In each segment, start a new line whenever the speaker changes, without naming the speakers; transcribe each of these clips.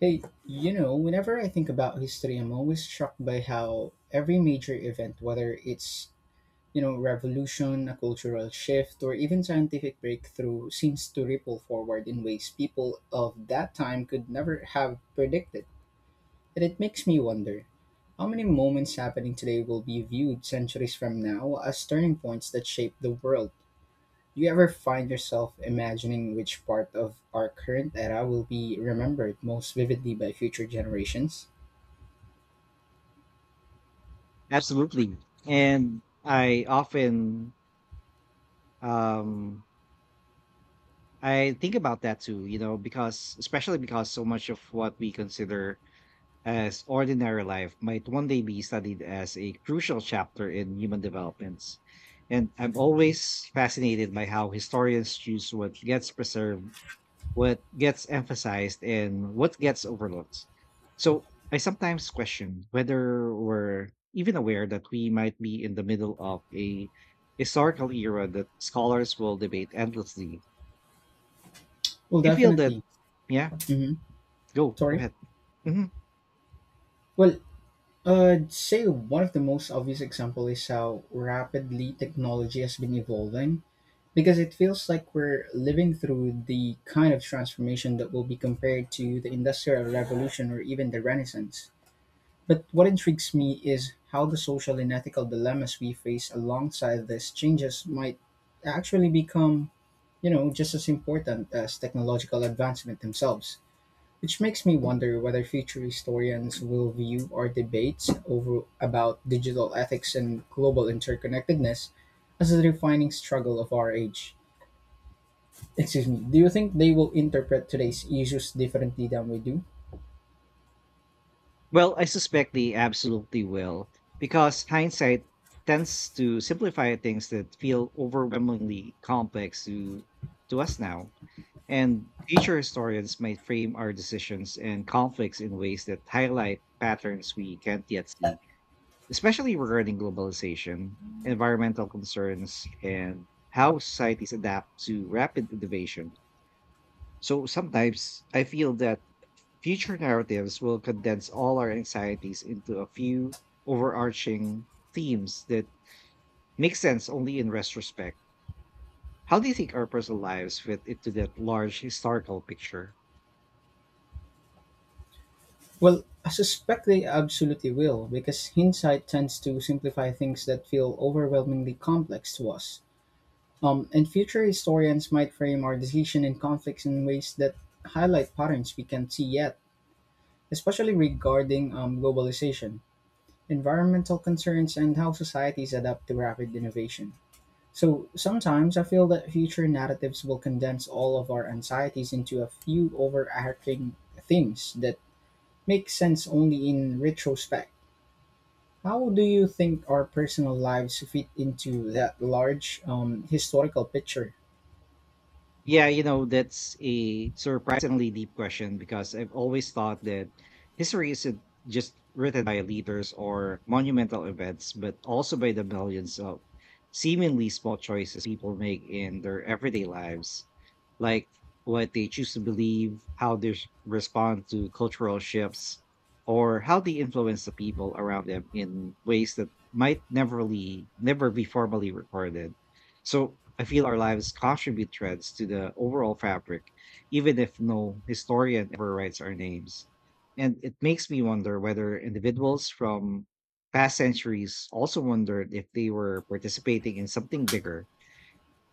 Hey, you know, whenever I think about history, I'm always struck by how every major event, whether it's, you know, revolution, a cultural shift, or even scientific breakthrough, seems to ripple forward in ways people of that time could never have predicted. And it makes me wonder how many moments happening today will be viewed centuries from now as turning points that shape the world. Do you ever find yourself imagining which part of our current era will be remembered most vividly by future generations?
Absolutely. And I often um I think about that too, you know, because especially because so much of what we consider as ordinary life might one day be studied as a crucial chapter in human developments. And I'm always fascinated by how historians choose what gets preserved, what gets emphasized, and what gets overlooked. So I sometimes question whether we're even aware that we might be in the middle of a historical era that scholars will debate endlessly.
Well,
You feel that?
definitely.
Yeah,
Hmm.
go
Sorry.
ahead. Mhm.
Well, I'd say one of the most obvious example is how rapidly technology has been evolving because it feels like we're living through the kind of transformation that will be compared to the industrial revolution or even the renaissance. But what intrigues me is how the social and ethical dilemmas we face alongside these changes might actually become, you know, just as important as technological advancement themselves. Which makes me wonder whether future historians will view our debates over about digital ethics and global interconnectedness as a defining struggle of our age. Excuse me, do you think they will interpret today's issues differently than we do?
Well, I suspect they absolutely will, because hindsight tends to simplify things that feel overwhelmingly complex to us now. And future historians might frame our decisions and conflicts in ways that highlight patterns we can't yet see, especially regarding globalization, environmental concerns, and how societies adapt to rapid innovation. So sometimes I feel that future narratives will condense all our anxieties into a few overarching themes that make sense only in retrospect. How do you think our personal lives fit into that large historical picture?
Well, I suspect they absolutely will, because hindsight tends to simplify things that feel overwhelmingly complex to us. And future historians might frame our decision and conflicts in ways that highlight patterns we can't see yet, especially regarding globalization, environmental concerns, and how societies adapt to rapid innovation. So sometimes I feel that future narratives will condense all of our anxieties into a few overarching themes that make sense only in retrospect. How do you think our personal lives fit into that large historical picture?
Yeah, you know, that's a surprisingly deep question, because I've always thought that history isn't just written by leaders or monumental events, but also by the millions of seemingly small choices people make in their everyday lives, like what they choose to believe, how they respond to cultural shifts, or how they influence the people around them in ways that might never really, never be formally recorded. So I feel our lives contribute threads to the overall fabric, even if no historian ever writes our names. And it makes me wonder whether individuals from past centuries also wondered if they were participating in something bigger.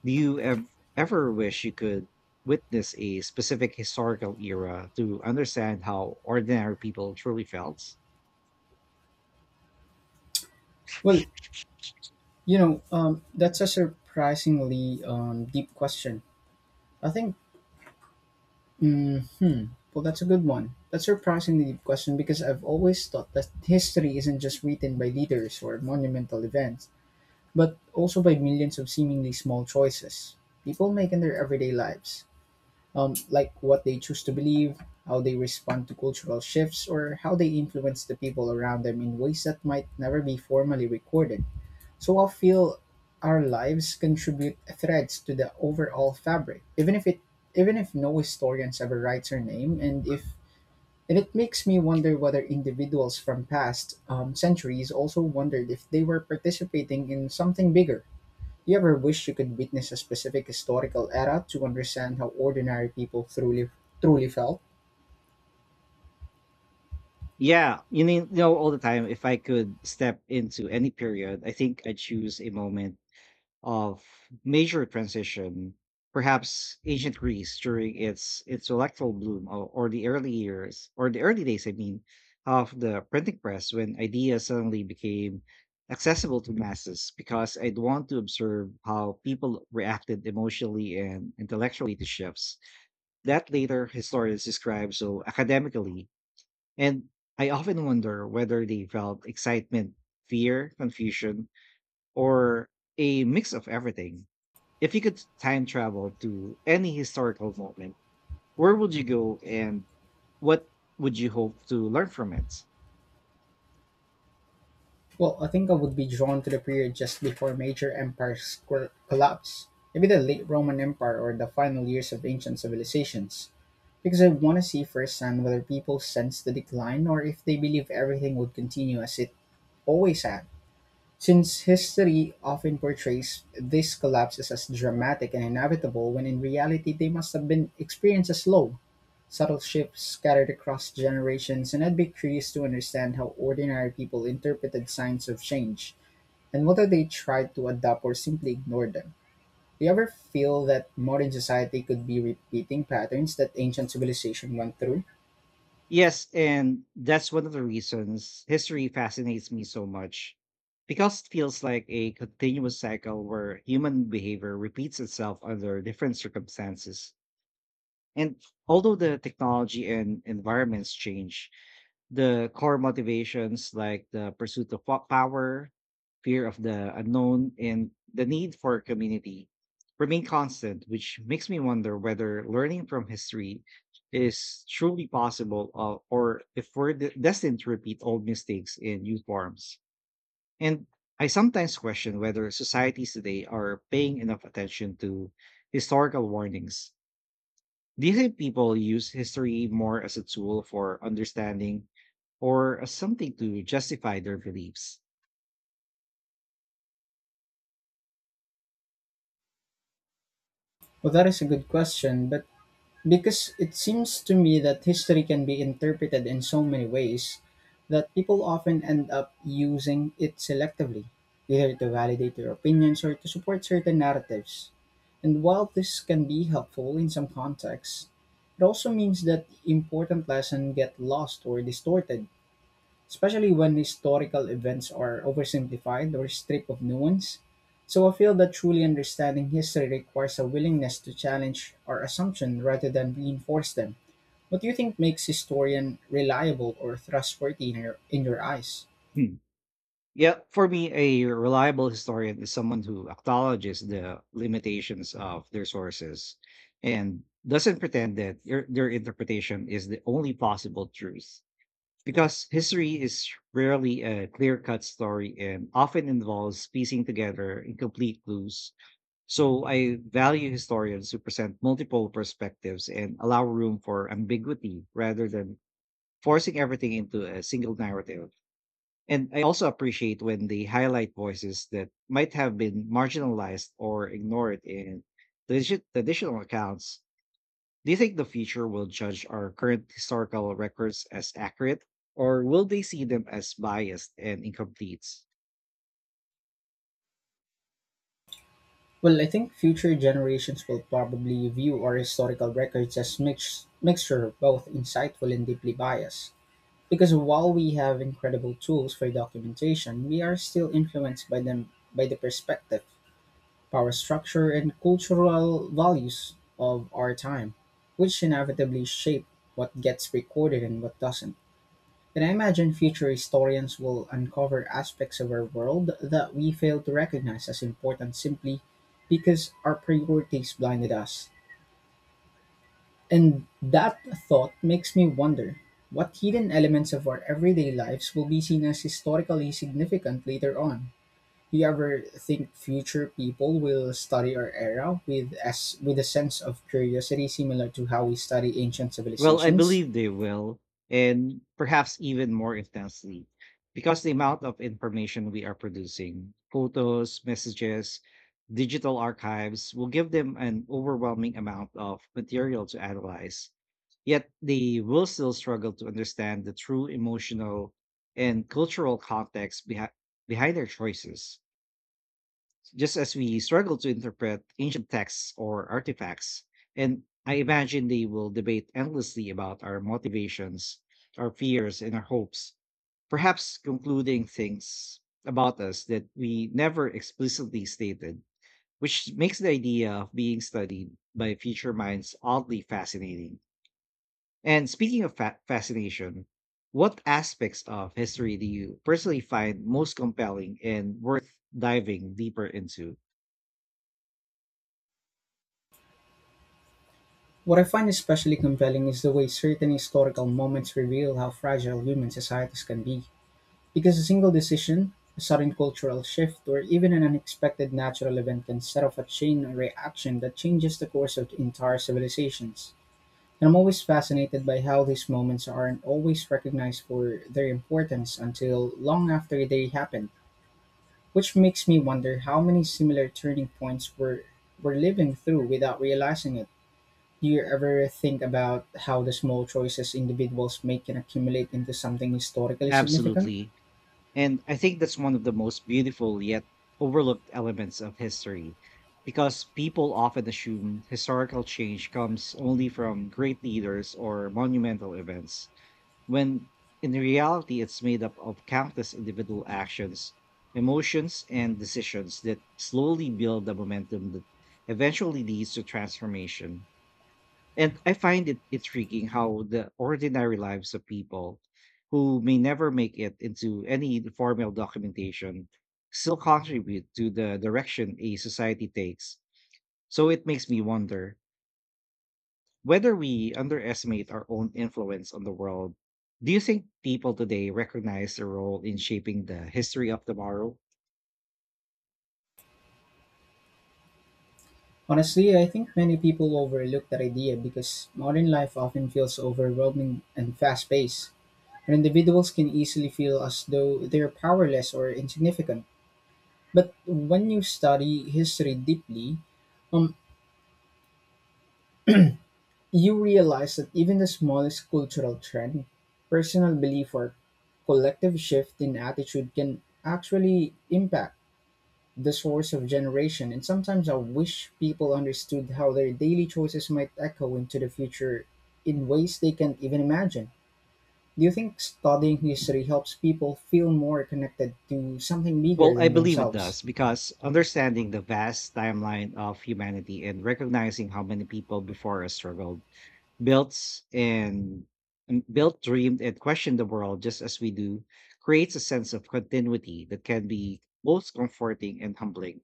Do you ev- Ever wish you could witness a specific historical era to understand how ordinary people truly felt?
Well, you know, that's a surprisingly deep question. I think Hmm. Well, that's a good one. That's a surprisingly deep question because I've always thought that history isn't just written by leaders or monumental events, but also by millions of seemingly small choices people make in their everyday lives. Like what they choose to believe, how they respond to cultural shifts, or how they influence the people around them in ways that might never be formally recorded. So I feel our lives contribute threads to the overall fabric, even if no historians ever writes her name, and if and it makes me wonder whether individuals from past centuries also wondered if they were participating in something bigger. You ever wish you could witness a specific historical era to understand how ordinary people truly felt?
Yeah, you need you know all the time. If I could step into any period, I think I'd choose a moment of major transition, perhaps ancient Greece during its electoral bloom, or the early years, or the early days, I mean, of the printing press, when ideas suddenly became accessible to masses, because I'd want to observe how people reacted emotionally and intellectually to shifts that later historians describe so academically. And I often wonder whether they felt excitement, fear, confusion, or a mix of everything. If you could time travel to any historical moment, where would you go and what would you hope to learn from it?
Well, I think I would be drawn to the period just before major empires collapse, maybe the late Roman Empire or the final years of ancient civilizations, because I want to see firsthand whether people sense the decline or if they believe everything would continue as it always had. Since history often portrays these collapses as dramatic and inevitable, when in reality they must have been experienced as slow, subtle shifts scattered across generations, and I'd be curious to understand how ordinary people interpreted signs of change and whether they try to adapt or simply ignore them. Do you ever feel that modern society could be repeating patterns that ancient civilization went through?
Yes, and that's one of the reasons history fascinates me so much, because it feels like a continuous cycle where human behavior repeats itself under different circumstances. And although the technology and environments change, the core motivations, like the pursuit of power, fear of the unknown, and the need for community, remain constant, which makes me wonder whether learning from history is truly possible, or if we're destined to repeat old mistakes in new forms. And I sometimes question whether societies today are paying enough attention to historical warnings. Do you think people use history more as a tool for understanding, or as something to justify their beliefs?
Well, that is a good question, but because it seems to me that history can be interpreted in so many ways that people often end up using it selectively, either to validate their opinions or to support certain narratives. And while this can be helpful in some contexts, it also means that important lessons get lost or distorted, especially when historical events are oversimplified or stripped of nuance. So I feel that truly understanding history requires a willingness to challenge our assumptions rather than reinforce them. What do you think makes historian reliable or trustworthy in your eyes?
Hmm. Yeah, for me, a reliable historian is someone who acknowledges the limitations of their sources and doesn't pretend that their interpretation is the only possible truth. Because history is rarely a clear cut story and often involves piecing together incomplete clues. So I value historians who present multiple perspectives and allow room for ambiguity rather than forcing everything into a single narrative. And I also appreciate when they highlight voices that might have been marginalized or ignored in traditional accounts. Do you think the future will judge our current historical records as accurate, or will they see them as biased and incomplete?
Well, I think future generations will probably view our historical records as mixture of both insightful and deeply biased. Because while we have incredible tools for documentation, we are still influenced by them by the perspective, power structure, and cultural values of our time, which inevitably shape what gets recorded and what doesn't. And I imagine future historians will uncover aspects of our world that we fail to recognize as important simply because our priorities blinded us. And that thought makes me wonder what hidden elements of our everyday lives will be seen as historically significant later on. Do you ever think future people will study our era with, as with a sense of curiosity similar to how we study ancient
Well, I
civilizations?
believe they will, and perhaps even more intensely, because the amount of information we are producing, photos, messages, digital archives, will give them an overwhelming amount of material to analyze. Yet they will still struggle to understand the true emotional and cultural context behind their choices, just as we struggle to interpret ancient texts or artifacts. And I imagine they will debate endlessly about our motivations, our fears, and our hopes, perhaps concluding things about us that we never explicitly stated, which makes the idea of being studied by future minds oddly fascinating. And speaking of fascination, what aspects of history do you personally find most compelling and worth diving deeper into?
What I find especially compelling is the way certain historical moments reveal how fragile human societies can be. Because a single decision, a sudden cultural shift, or even an unexpected natural event can set off a chain reaction that changes the course of entire civilizations. And I'm always fascinated by how these moments aren't always recognized for their importance until long after they happen, which makes me wonder how many similar turning points we're living through without realizing it. Do you ever think about how the small choices individuals make can accumulate into something historically significant?
Absolutely. And I think that's one of the most beautiful yet overlooked elements of history, because people often assume historical change comes only from great leaders or monumental events, when in reality, it's made up of countless individual actions, emotions, and decisions that slowly build the momentum that eventually leads to transformation. And I find it intriguing how the ordinary lives of people who may never make it into any formal documentation still contribute to the direction a society takes. So it makes me wonder whether we underestimate our own influence on the world. Do you think people today recognize their role in shaping the history of tomorrow?
Honestly, I think many people overlook that idea because modern life often feels overwhelming and fast paced, and individuals can easily feel as though they're powerless or insignificant. But when you study history deeply, um, you realize that even the smallest cultural trend, personal belief, or collective shift in attitude can actually impact the source of generation. And sometimes I wish people understood how their daily choices might echo into the future in ways they can't even imagine. Do you think studying history helps people feel more connected to something
Well,
bigger
I
than
believe it
themselves?
does, because understanding the vast timeline of humanity and recognizing how many people before us struggled, belts, and built, dreamed, and questioned the world just as we do creates a sense of continuity that can be both comforting and humbling.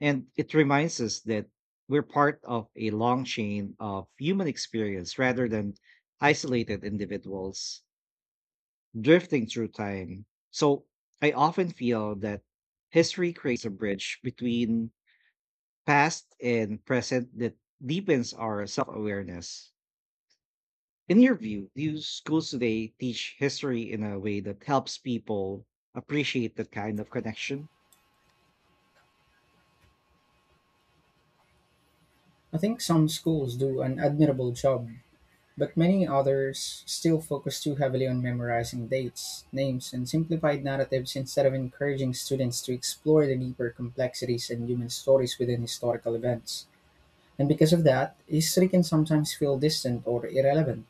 And it reminds us that we're part of a long chain of human experience rather than isolated individuals drifting through time. So I often feel that history creates a bridge between past and present that deepens our self-awareness. In your view, do schools today teach history in a way that helps people appreciate that kind of connection?
I think some schools do an admirable job, but many others still focus too heavily on memorizing dates, names, and simplified narratives instead of encouraging students to explore the deeper complexities and human stories within historical events. And because of that, history can sometimes feel distant or irrelevant,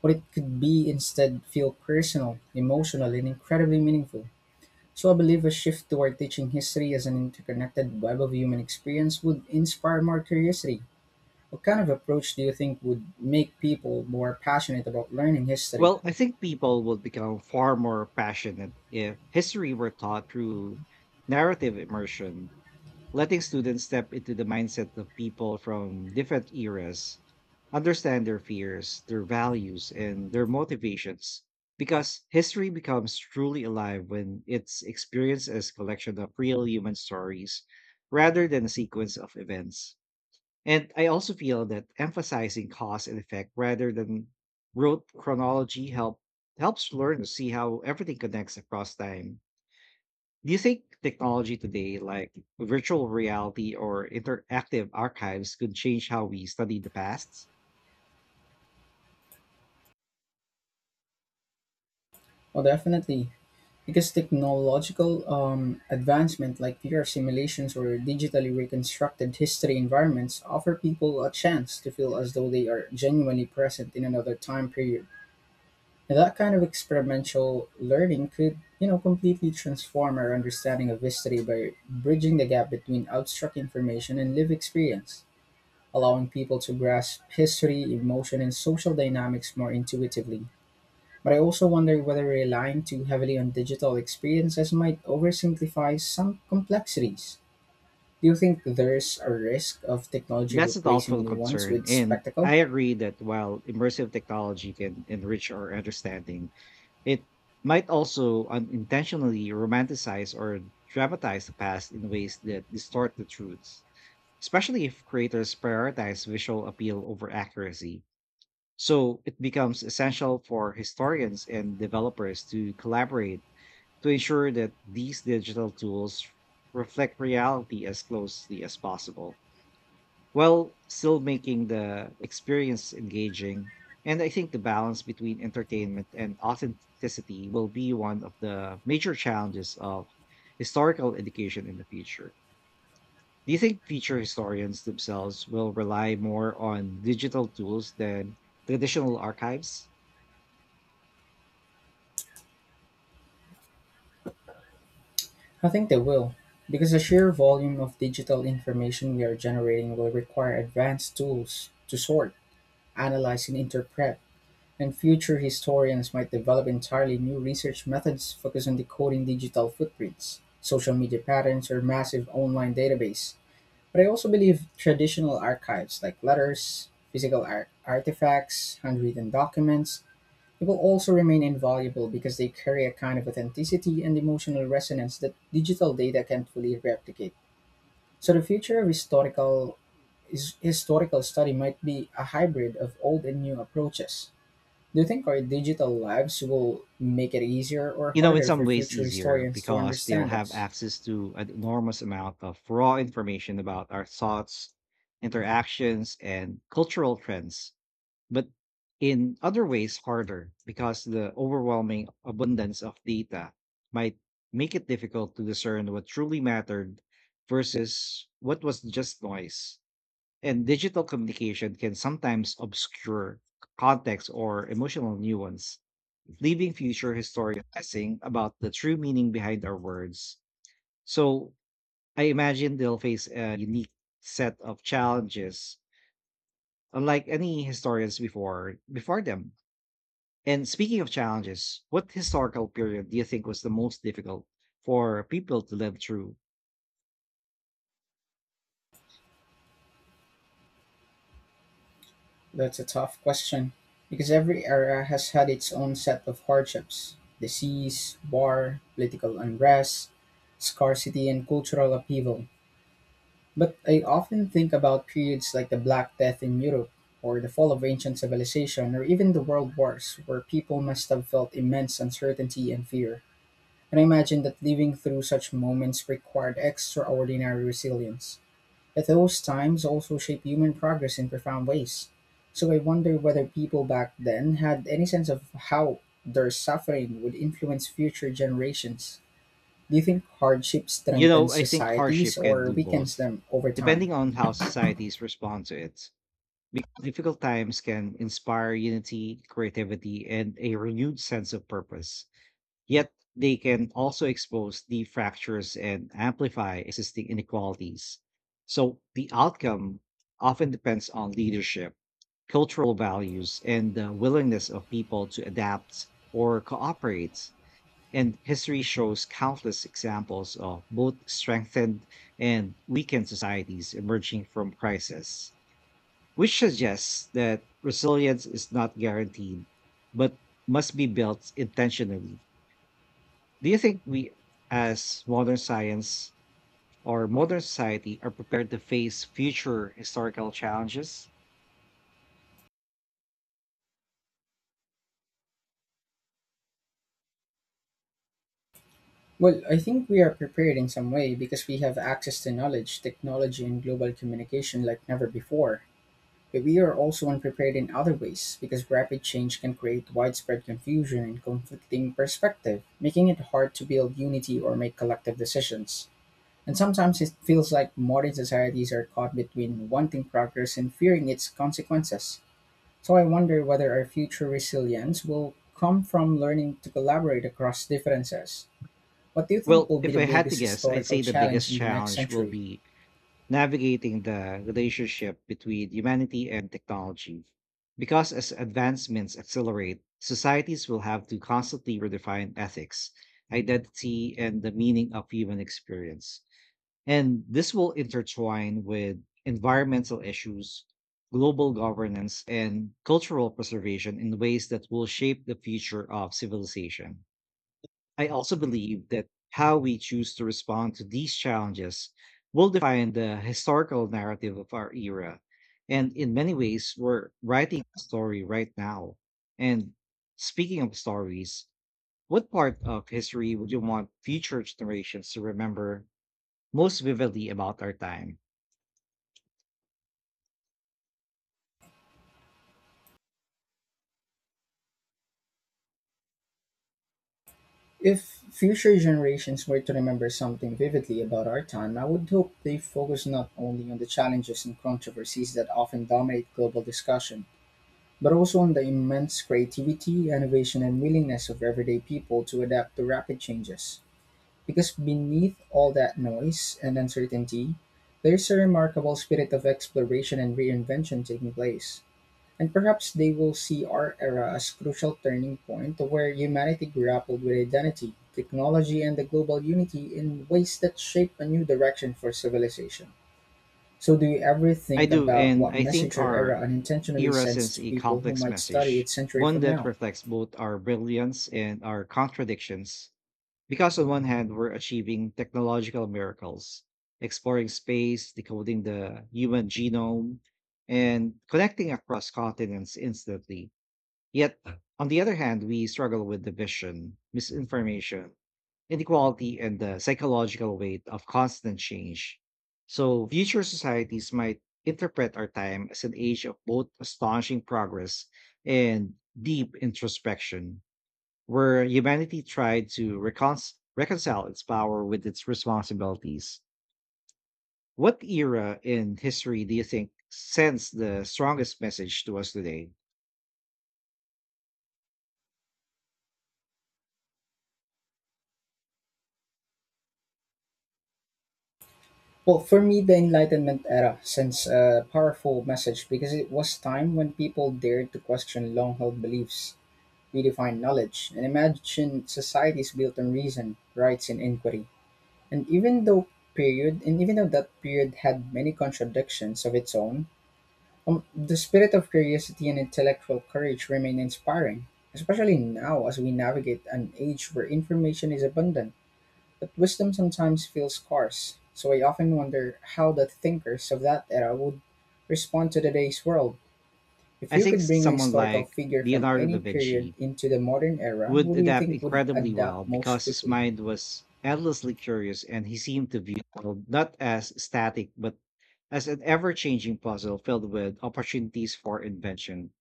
but it could be instead feel personal, emotional, and incredibly meaningful. So I believe a shift toward teaching history as an interconnected web of human experience would inspire more curiosity. What kind of approach do you think would make people more passionate about learning history?
Well, I think people would become far more passionate if history were taught through narrative immersion, letting students step into the mindset of people from different eras, understand their fears, their values, and their motivations. Because history becomes truly alive when it's experienced as collection of real human stories rather than a sequence of events. And I also feel that emphasizing cause and effect rather than rote chronology helps learn to see how everything connects across time. Do you think technology today, like virtual reality or interactive archives, could change how we study the past?
Well, definitely, because technological advancement like VR simulations or digitally reconstructed history environments offer people a chance to feel as though they are genuinely present in another time period. And that kind of experimental learning could, you know, completely transform our understanding of history by bridging the gap between abstract information and live experience, allowing people to grasp history, emotion, and social dynamics more intuitively. But I also wonder whether relying too heavily on digital experiences might oversimplify some complexities. Do you think there's a risk of technology
That's a thoughtful
replacing nuance
concern.
with
And
spectacle?
I agree that while immersive technology can enrich our understanding, it might also unintentionally romanticize or dramatize the past in ways that distort the truths, especially if creators prioritize visual appeal over accuracy. So it becomes essential for historians and developers to collaborate to ensure that these digital tools reflect reality as closely as possible while still making the experience engaging. And I think the balance between entertainment and authenticity will be one of the major challenges of historical education in the future. Do you think future historians themselves will rely more on digital tools than traditional archives?
I think they will, because the sheer volume of digital information we are generating will require advanced tools to sort, analyze, and interpret. And future historians might develop entirely new research methods focused on decoding digital footprints, social media patterns, or massive online database. But I also believe traditional archives like letters, physical artifacts, handwritten documents, they will also remain invaluable because they carry a kind of authenticity and emotional resonance that digital data can't fully replicate. So the future of historical study might be a hybrid of old and new approaches. Do you think our digital lives will make it easier or
You know, in
harder
some
for
ways
future
easier,
historians to
because they'll
understand
have
us?
access to an enormous amount of raw information about our thoughts, interactions, and cultural trends. But in other ways, harder, because the overwhelming abundance of data might make it difficult to discern what truly mattered versus what was just noise. And digital communication can sometimes obscure context or emotional nuance, leaving future historians guessing about the true meaning behind our words. So I imagine they'll face a unique set of challenges, unlike any historians before them. And speaking of challenges, what historical period do you think was the most difficult for people to live through?
That's a tough question, because every era has had its own set of hardships: disease, war, political unrest, scarcity, and cultural upheaval. But I often think about periods like the Black Death in Europe, or the fall of ancient civilization, or even the world wars, where people must have felt immense uncertainty and fear. And I imagine that living through such moments required extraordinary resilience. But those times also shape human progress in profound ways. So I wonder whether people back then had any sense of how their suffering would influence future generations. Do you think hardship
You know,
strengthens
I think hardship
societies
can
or
do
weakens
both,
them over time?
depending on how societies respond to it. Because difficult times can inspire unity, creativity, and a renewed sense of purpose. Yet they can also expose the fractures and amplify existing inequalities. So the outcome often depends on leadership, cultural values, and the willingness of people to adapt or cooperate. And history shows countless examples of both strengthened and weakened societies emerging from crisis, which suggests that resilience is not guaranteed, but must be built intentionally. Do you think we, as modern science or modern society, are prepared to face future historical challenges?
Well, I think we are prepared in some way because we have access to knowledge, technology, and global communication like never before. But we are also unprepared in other ways because rapid change can create widespread confusion and conflicting perspective, making it hard to build unity or make collective decisions. And sometimes it feels like modern societies are caught between wanting progress and fearing its consequences. So I wonder whether our future resilience will come from learning to collaborate across differences. What do you think
Well,
will be
if
the
I had to
biggest
guess, I'd say
historical
the biggest
challenge in the next
challenge will
century?
be navigating the relationship between humanity and technology. Because as advancements accelerate, societies will have to constantly redefine ethics, identity, and the meaning of human experience. And this will intertwine with environmental issues, global governance, and cultural preservation in ways that will shape the future of civilization. I also believe that how we choose to respond to these challenges will define the historical narrative of our era. And in many ways, we're writing a story right now. And speaking of stories, what part of history would you want future generations to remember most vividly about our time?
If future generations were to remember something vividly about our time, I would hope they focus not only on the challenges and controversies that often dominate global discussion, but also on the immense creativity, innovation, and willingness of everyday people to adapt to rapid changes. Because beneath all that noise and uncertainty, there's a remarkable spirit of exploration and reinvention taking place. And perhaps they will see our era as crucial turning point where humanity grappled with identity, technology, and the global unity in ways that shape a new direction for civilization. So do you ever
I
think
do,
about
and
what
I think
message your era
our
unintentionally
era
sends
sends
to
a
people who
complex
might study
message,
it century
one
from
that
now?
reflects both our brilliance and our contradictions. Because on one hand, we're achieving technological miracles, exploring space, decoding the human genome, and connecting across continents instantly. Yet, on the other hand, we struggle with division, misinformation, inequality, and the psychological weight of constant change. So, future societies might interpret our time as an age of both astonishing progress and deep introspection, where humanity tried to reconcile its power with its responsibilities. What era in history do you think sends the strongest message to us today?
Well, for me, the Enlightenment era sends a powerful message because it was time when people dared to question long-held beliefs, redefine knowledge, and imagine societies built on reason, rights, and inquiry. And even though period, and even though that period had many contradictions of its own, the spirit of curiosity and intellectual courage remain inspiring, especially now as we navigate an age where information is abundant, but wisdom sometimes feels scarce. So I often wonder how the thinkers of that era would respond to today's world. If
I
you
think
could bring a
someone
historical
like
figure from
Leonardo da
any period
Vinci
into the modern era,
would
who do you
adapt
think would
incredibly well
adapt most
because his
quickly?
mind was endlessly curious and he seemed to view the world not as static but as an ever-changing puzzle filled with opportunities for invention.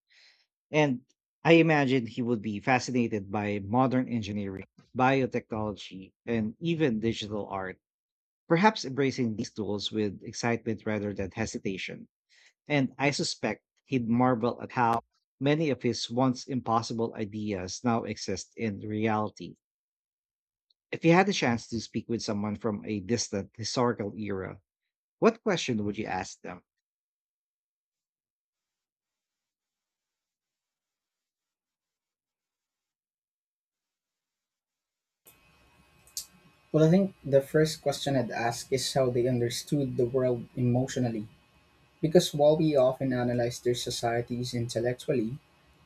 And I imagine he would be fascinated by modern engineering, biotechnology, and even digital art, perhaps embracing these tools with excitement rather than hesitation. And I suspect he'd marvel at how many of his once impossible ideas now exist in reality if you had the chance to speak with someone from a distant historical era, what question would you ask them?
Well, I think the first question I'd ask is how they understood the world emotionally. Because while we often analyze their societies intellectually,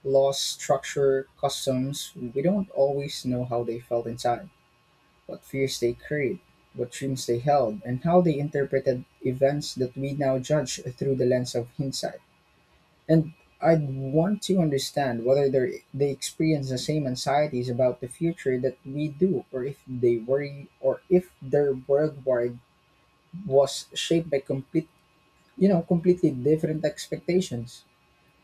laws, structure, customs, we don't always know how they felt inside, what fears they carried, what dreams they held, and how they interpreted events that we now judge through the lens of hindsight. And I'd want to understand whether they experience the same anxieties about the future that we do, or if they worry, or if their worldwide was shaped by complete, completely different expectations.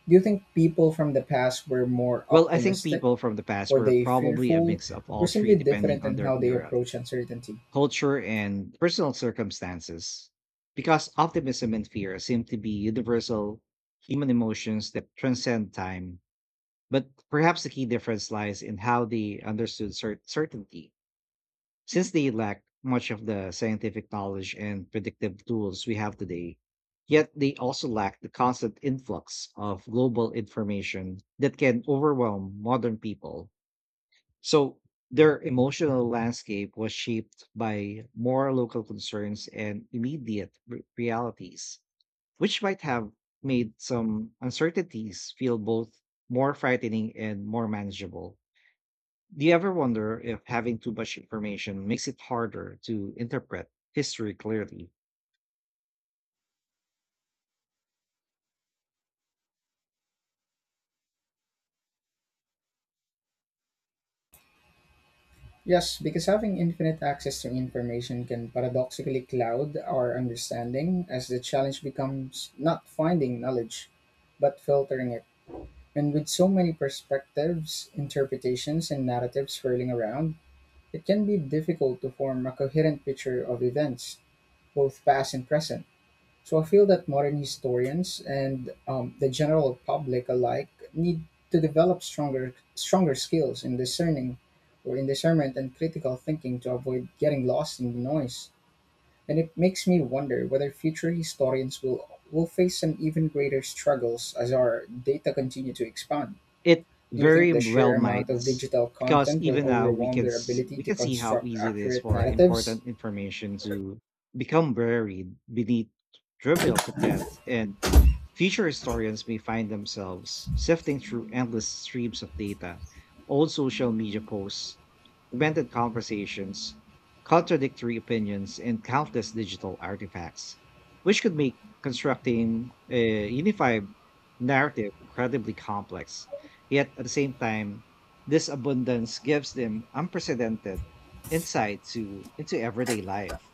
Do you think people from the past were more
Well, I think
optimistic?
people from the past
Were
were
they
probably a
fearful?
mix of all
Were
three
simply
depending
different
on
in
their
how they
era,
approach uncertainty?
culture, and personal circumstances. Because optimism and fear seem to be universal human emotions that transcend time. But perhaps the key difference lies in how they understood certainty, since they lacked much of the scientific knowledge and predictive tools we have today. Yet they also lack the constant influx of global information that can overwhelm modern people. So their emotional landscape was shaped by more local concerns and immediate realities, which might have made some uncertainties feel both more frightening and more manageable. Do you ever wonder if having too much information makes it harder to interpret history clearly?
Yes, because having infinite access to information can paradoxically cloud our understanding, as the challenge becomes not finding knowledge, but filtering it. And with so many perspectives, interpretations, and narratives swirling around, it can be difficult to form a coherent picture of events, both past and present. So I feel that modern historians and the general public alike need to develop stronger skills in discerning or in discernment and critical thinking to avoid getting lost in the noise. And it makes me wonder whether future historians will face some even greater struggles as our data continue to expand.
It
Do you think
very
the sheer
well might,
amount of digital
because
content will
even now we
overwhelm
can
their ability
we
to
can see how
construct
easy it is
accurate
for
narratives?
important information to become buried beneath trivial content and future historians may find themselves sifting through endless streams of data, old social media posts, demented conversations, contradictory opinions, and countless digital artifacts, which could make constructing a unified narrative incredibly complex. Yet at the same time, this abundance gives them unprecedented insight to into everyday life,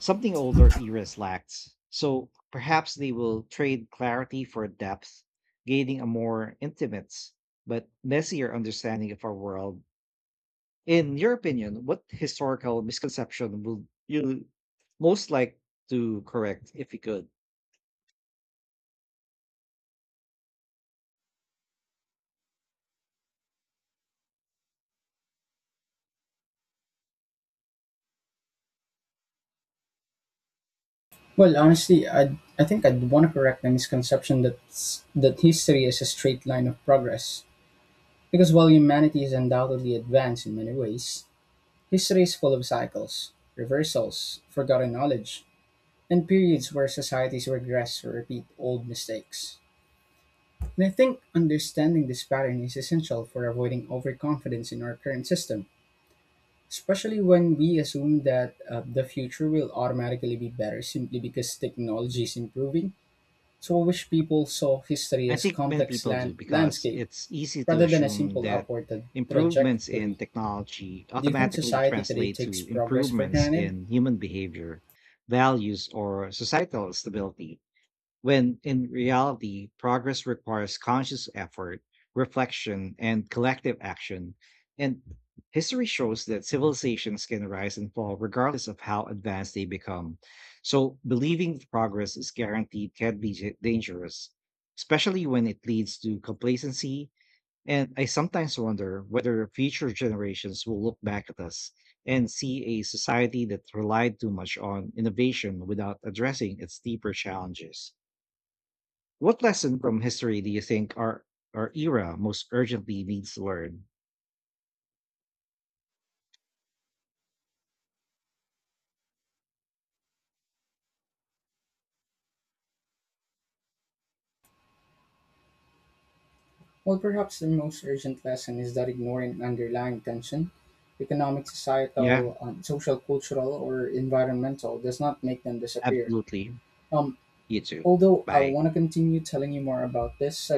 something older eras lacked, so perhaps they will trade clarity for depth, gaining a more intimate but messier understanding of our world. In your opinion, what historical misconception would you most like to correct if you could?
Well, honestly, I think I'd want to correct the misconception that that history is a straight line of progress. Because while humanity is undoubtedly advanced in many ways, history is full of cycles, reversals, forgotten knowledge, and periods where societies regress or repeat old mistakes. And I think understanding this pattern is essential for avoiding overconfidence in our current system, especially when we assume that the future will automatically be better simply because technology is improving. Swabish people saw history
I
as a
think many
complex
people do because
landscape
it's easy to
rather than a
assume
simple
that
upward
improvements in
trajectory.
technology
Do you think
automatically
society today
translate
takes
to
progress for
improvements
granted?
in human behavior, values, or societal stability when in reality, progress requires conscious effort, reflection, and collective action. And history shows that civilizations can rise and fall regardless of how advanced they become. So, believing progress is guaranteed can be dangerous, especially when it leads to complacency. And I sometimes wonder whether future generations will look back at us and see a society that relied too much on innovation without addressing its deeper challenges. What lesson from history do you think our era most urgently needs to learn?
Well, perhaps the most urgent lesson is that ignoring underlying tension, economic,
Yeah,
societal, social, cultural, or environmental, does not make them disappear.
absolutely.
Um,
You too.
although I
Bye.
want to continue telling you more about this, I